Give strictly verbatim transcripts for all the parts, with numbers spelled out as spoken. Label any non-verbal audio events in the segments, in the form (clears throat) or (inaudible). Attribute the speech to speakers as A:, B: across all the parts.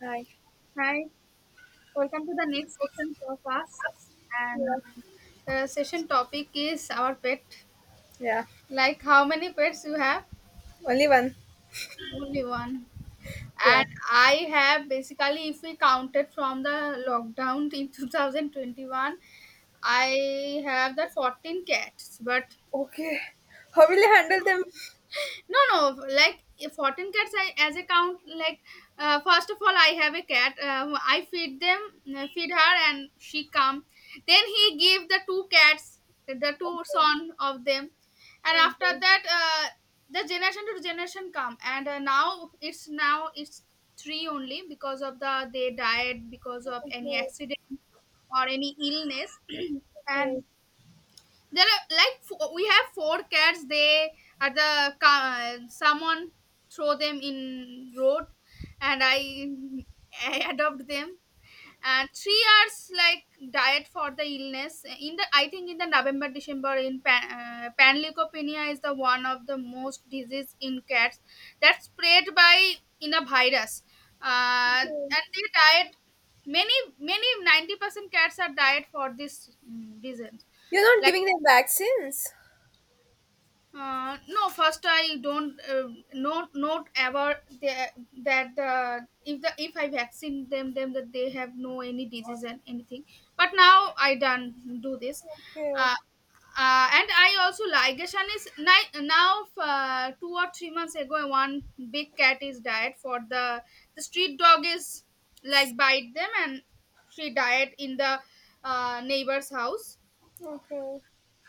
A: Hi.
B: Hi, welcome to the next session of us. And
A: Yeah.
B: the session topic is our pet.
A: Yeah.
B: Like how many pets you have?
A: Only one.
B: Only one.
A: Yeah.
B: And I have basically, if we counted from the lockdown (laughs) in two thousand twenty-one, I have the fourteen cats. But
A: Okay. How will you handle them?
B: No, no. Like if fourteen cats, I as a count. Like uh, first of all, I have a cat. Uh, who I feed them, uh, feed her, and she come. Then he give the two cats, the two
A: Okay.
B: son of them, and after
A: Okay.
B: that, uh, the generation to generation come. And uh, now it's now it's three only because of the they died because of any
A: Okay.
B: accident or any illness, (clears throat)
A: Okay.
B: and there are like fo- we have four cats they at the car, someone throw them in road and i i adopt them and three hours like diet for the illness in the I think in the November December in pan, uh, panleukopenia is the one of the most disease in cats that's spread by in a virus uh, and
A: Okay.
B: they diet many many ninety percent cats are diet for this mm, reason.
A: You're not giving them vaccines.
B: Uh, no, first I don't uh, not not ever the- that the if the if I vaccine them them that they have no any disease and anything. But now I don't do this,
A: Okay.
B: uh, uh, and I also ligation is ni- now uh, two or three months ago one big cat is died for the the street dog is like bite them and she died in the uh, neighbor's house.
A: Okay.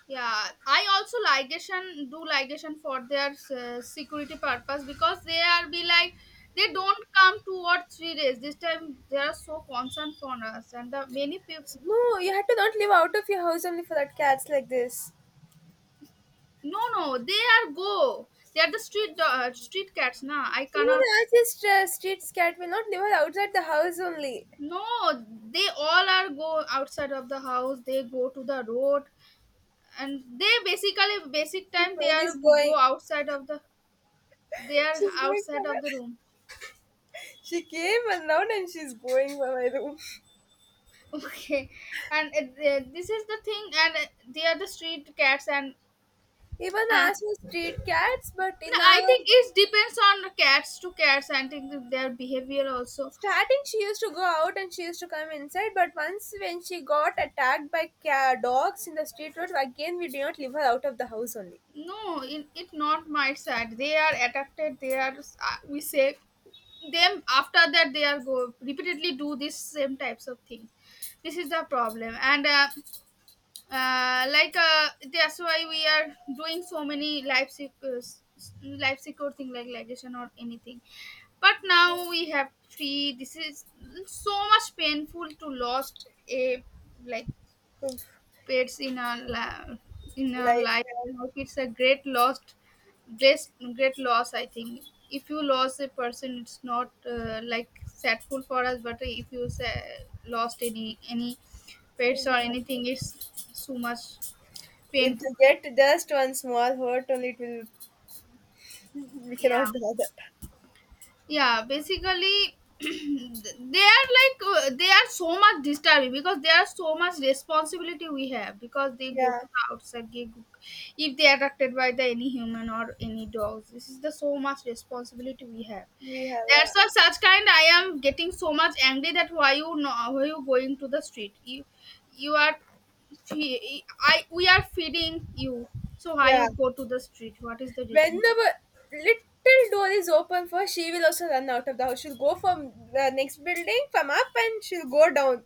B: Yeah, I also ligation, do ligation for their uh, security purpose because they are be like they don't come two or three days. This time they are so concerned for us and the many people.
A: No, you had to not live out of your house only for that cats like this.
B: No, no, they are go. They are the street do- uh, street cats. Nah, I
A: Even
B: cannot.
A: Archie's uh, street cat will not live outside the house only.
B: No, they all are go outside of the house. They go to the road and they basically basic
A: She's
B: time they
A: mind
B: are
A: is
B: go
A: going.
B: outside of the, they are
A: She's going
B: outside of
A: somewhere.
B: the
A: (laughs)
B: room.
A: She came and now and she's going by my room.
B: (laughs) Okay, and uh, this is the thing, and uh, they are the street cats, and
A: Even
B: uh,
A: Ash was street cats, but
B: no,
A: in
B: I
A: our
B: think it depends on cats to cats. I think their behavior also.
A: starting, she used to go out and she used to come inside, but once when she got attacked by ca- dogs in the street road, again we did not leave her out of the house only.
B: No, it, it not my side. They are addicted. They are uh, we say them, after that they are go repeatedly do this same types of thing. This is the problem, and uh, uh, like uh, that's why we are doing so many life secure life secure thing like ligation or anything, but now we have three. This is so much painful to lost a, like,
A: Oof.
B: pets in our la- in our
A: Life,
B: life.
A: yeah,
B: Now it's a great lost, great, great loss I think. If you lost a person it's not uh, like sadful for us, but if you say, lost any any pets or anything it's so much
A: if
B: painful.
A: they get just one small hurt, only it will. (laughs) We
B: Yeah,
A: cannot bear that.
B: yeah, basically (clears throat) they are like uh, they are so much disturbing because there are so much responsibility we have because they go
A: Yeah,
B: to the outside gig. If they are attracted by the any human or any dogs, this is the so much responsibility we have.
A: we have. Yeah,
B: That's why such kind I am getting so much angry, that why you know why you going to the street, you you are, fe- I, we are feeding you, so why
A: yeah.
B: you go to the street, what is the reason?
A: Whenever little door is open for, she will also run out of the house. She'll go from the next building, from up, and she'll go down.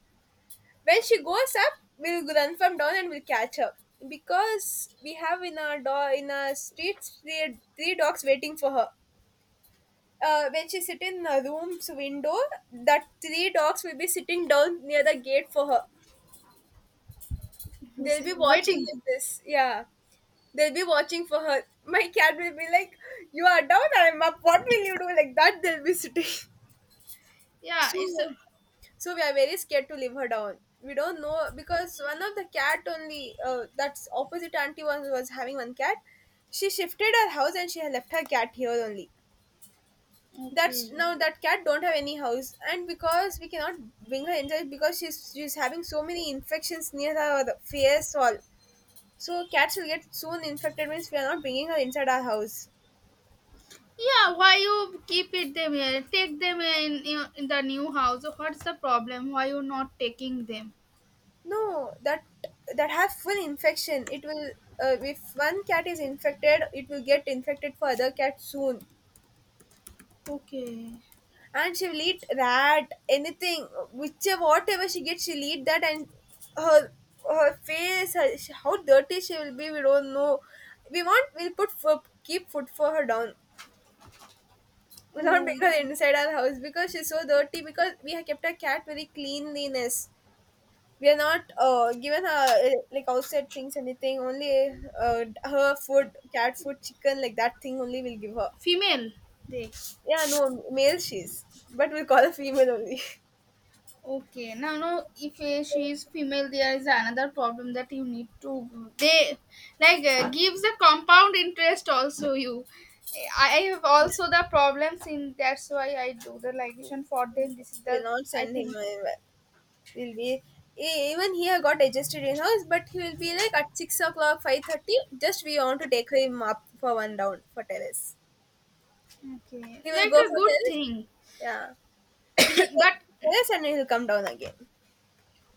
A: When she goes up, we'll run from down and we'll catch her, because we have in our door, in our streets, three, three dogs waiting for her. Uh, when she sit in the room's window, that three dogs will be sitting down near the gate for her.
B: (laughs) Who's
A: They'll be watching
B: waiting?
A: like this, yeah, they'll be watching for her. My cat will be like, you are down, I'm up, what will you do, like that they'll be sitting. (laughs)
B: Yeah, it's a,
A: So, so we are very scared to leave her down. We don't know, because one of the cat only, uh, that's opposite auntie was was having one cat. She shifted her house and she had left her cat here only. That's
B: okay.
A: now that cat don't have any house, and because we cannot bring her inside, because she's she's having so many infections near her, the face all. So cats will get soon infected, means we are not bringing her inside our house.
B: Yeah. Why you keep it them here? Take them in, in in the new house. What's the problem? Why you not taking them?
A: No, that that have full infection. It will, uh, if one cat is infected, it will get infected for other cats soon.
B: Okay.
A: And she will eat rat, anything, whichever whatever she gets, she'll eat that. And her, her face, her, sh- how dirty she will be, we don't know. We want, we'll put food, keep food for her down. We'll not bring
B: Oh,
A: her inside our house because she's so dirty. Because we have kept our cat very cleanliness. We are not uh, given her uh, like outside things anything only, uh, her food, cat food, chicken, like that thing only we'll give her.
B: female. They.
A: Yeah, no, male she's, but we'll call her female only.
B: Okay, now no. If uh, she is female, there is another problem that you need to. They, like uh, gives the compound interest also you. I I have also the problems in. That's why I do the ligation for them. This is
A: (laughs)
B: the,
A: We'll not
B: I
A: send him
B: think.
A: anywhere. We'll be, e- even he had got adjusted in house, but he will be like at six o'clock, five thirty, just we want to take him up for one round for terrace.
B: Okay,
A: He will
B: like
A: go
B: a
A: for
B: good
A: terrace.
B: thing.
A: Yeah, we should take
B: but
A: him to terrace and he'll come down again.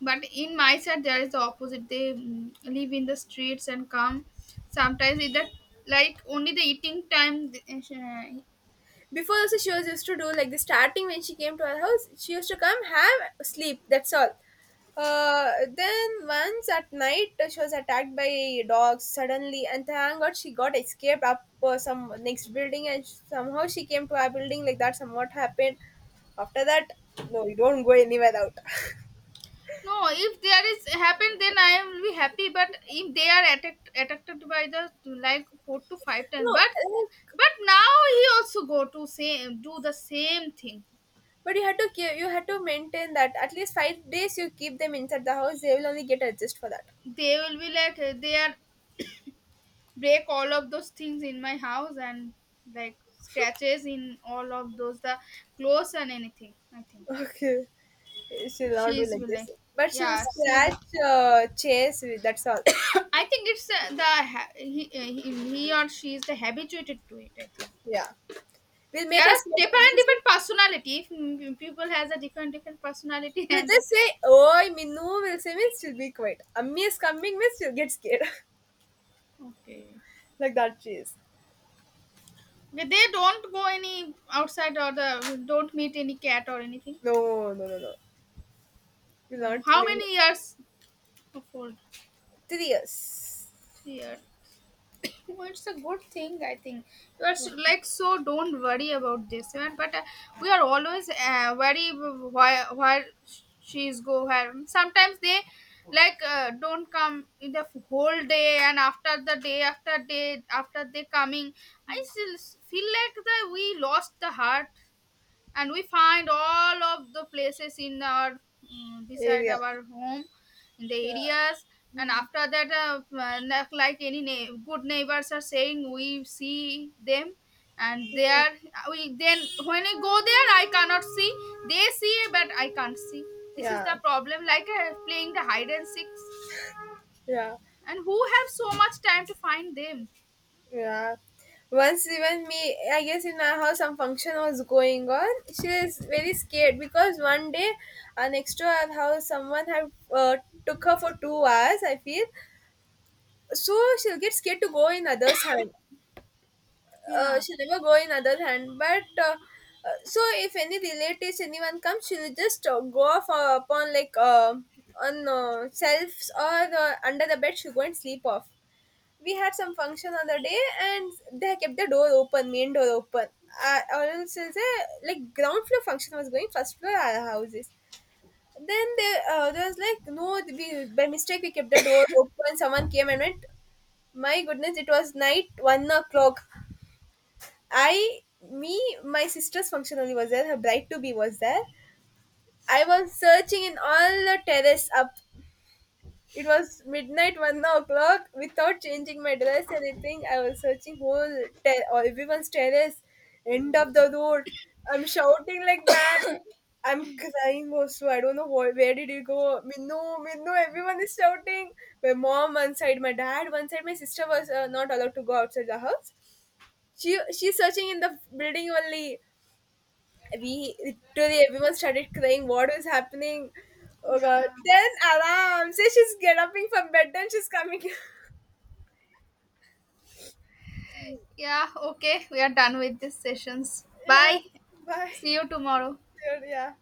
B: but in my side there is the opposite. They, mm, live in the streets and come sometimes either, like only the eating time, th- uh,
A: Before also she was used to do like the starting, when she came to our house, she used to come have sleep. That's all. Uh, then once at night, uh, she was attacked by dogs suddenly, and thank God she got escaped up uh, some next building, and somehow she came to our building like that. Somewhat happened. After that, no, you don't go anywhere out. (laughs)
B: no, if there is happen then I am be happy, but if they are attacked attacked by the, like four to five times,
A: No,
B: but
A: like,
B: but now he also go to same, do the same thing.
A: but you had to keep, you had to maintain that at least five days. You keep them inside the house; they will only get adjust for that.
B: They will be like uh, they are break all of those things in my house and like scratches in all of those the clothes and anything I think.
A: Okay, she'll not do
B: She's
A: like this,
B: like,
A: but she'll
B: yeah she's a-
A: scratch, uh, chase. with- That's all.
B: (coughs) I think it's uh, the, ha- he, uh, he he or she is the habituated to it I think.
A: Yeah, we'll
B: There
A: make
B: are
A: her sleep. We'll
B: different different personality, if mm, people has a different different personality. (laughs) And the,
A: just say, "Oi, Minu." We'll say means she'll be quiet. Ammi is coming means she'll get scared,
B: okay,
A: (laughs) like that. She is.
B: but they don't go any outside or the don't meet any cat or anything.
A: No, no, no, no. We'll
B: No.
A: not
B: How
A: leave her.
B: many years of old?
A: Three years.
B: Three years. (laughs) Well, it's a good thing I think. You are
A: Yeah.
B: so, like so, don't worry about this, man. But uh, we are always uh, worry, w- why why she's go where, sometimes they like uh, don't come in the f- whole day, and after the day after day after they coming, I still s- feel like that we lost the heart, and we find all of the places in our, mm, beside
A: Area.
B: our home, in the areas. And after that, uh, uh, like like any na- good neighbors are saying we see them and they
A: Yeah.
B: are, uh, we then when I go there I cannot see. They see but I can't see. This is
A: Yeah.
B: the problem, like uh, playing the hide and seek.
A: Yeah.
B: And who have so much time to find them?
A: Yeah. Once even me, I guess, in our house some function was going on. She is very scared because one day, uh, next to our house, someone had uh, took her for two hours, I feel. So she'll get scared to go in others' hand. Uh,
B: Yeah,
A: she'll never go in other hand. But uh, uh, so if any relatives, anyone comes, she'll just uh, go off uh, upon like uh, on uh, selves or uh, under the bed. She'll go and sleep off. We had some function on the day and they kept the door open, main door open. Uh, or else it's a, like ground floor function was going, first floor our houses. Then they, uh, there was like no, we by mistake we kept the door open. Someone came and went. My goodness, it was night one o'clock. I, me, my sister's function only was there. Her bride to be was there. I was searching in all the terrace up. It was midnight, one o'clock. Without changing my dress, anything, I was searching whole ter- or everyone's terrace, end of the road. I'm shouting like mad. I'm crying also. I don't know wh- where did you go, Minnu, Minnu. Everyone is shouting. My mom one side, my dad one side. My sister was uh, not allowed to go outside the house. She she's searching in the building only. We literally everyone started crying. What is happening? Oh god.
B: yeah,
A: Then alarm says she's getting up from bed, then she's coming.
B: yeah. Okay, we are done with these sessions.
A: (laughs) Yeah.
B: Bye.
A: Bye.
B: See you tomorrow.
A: Yeah.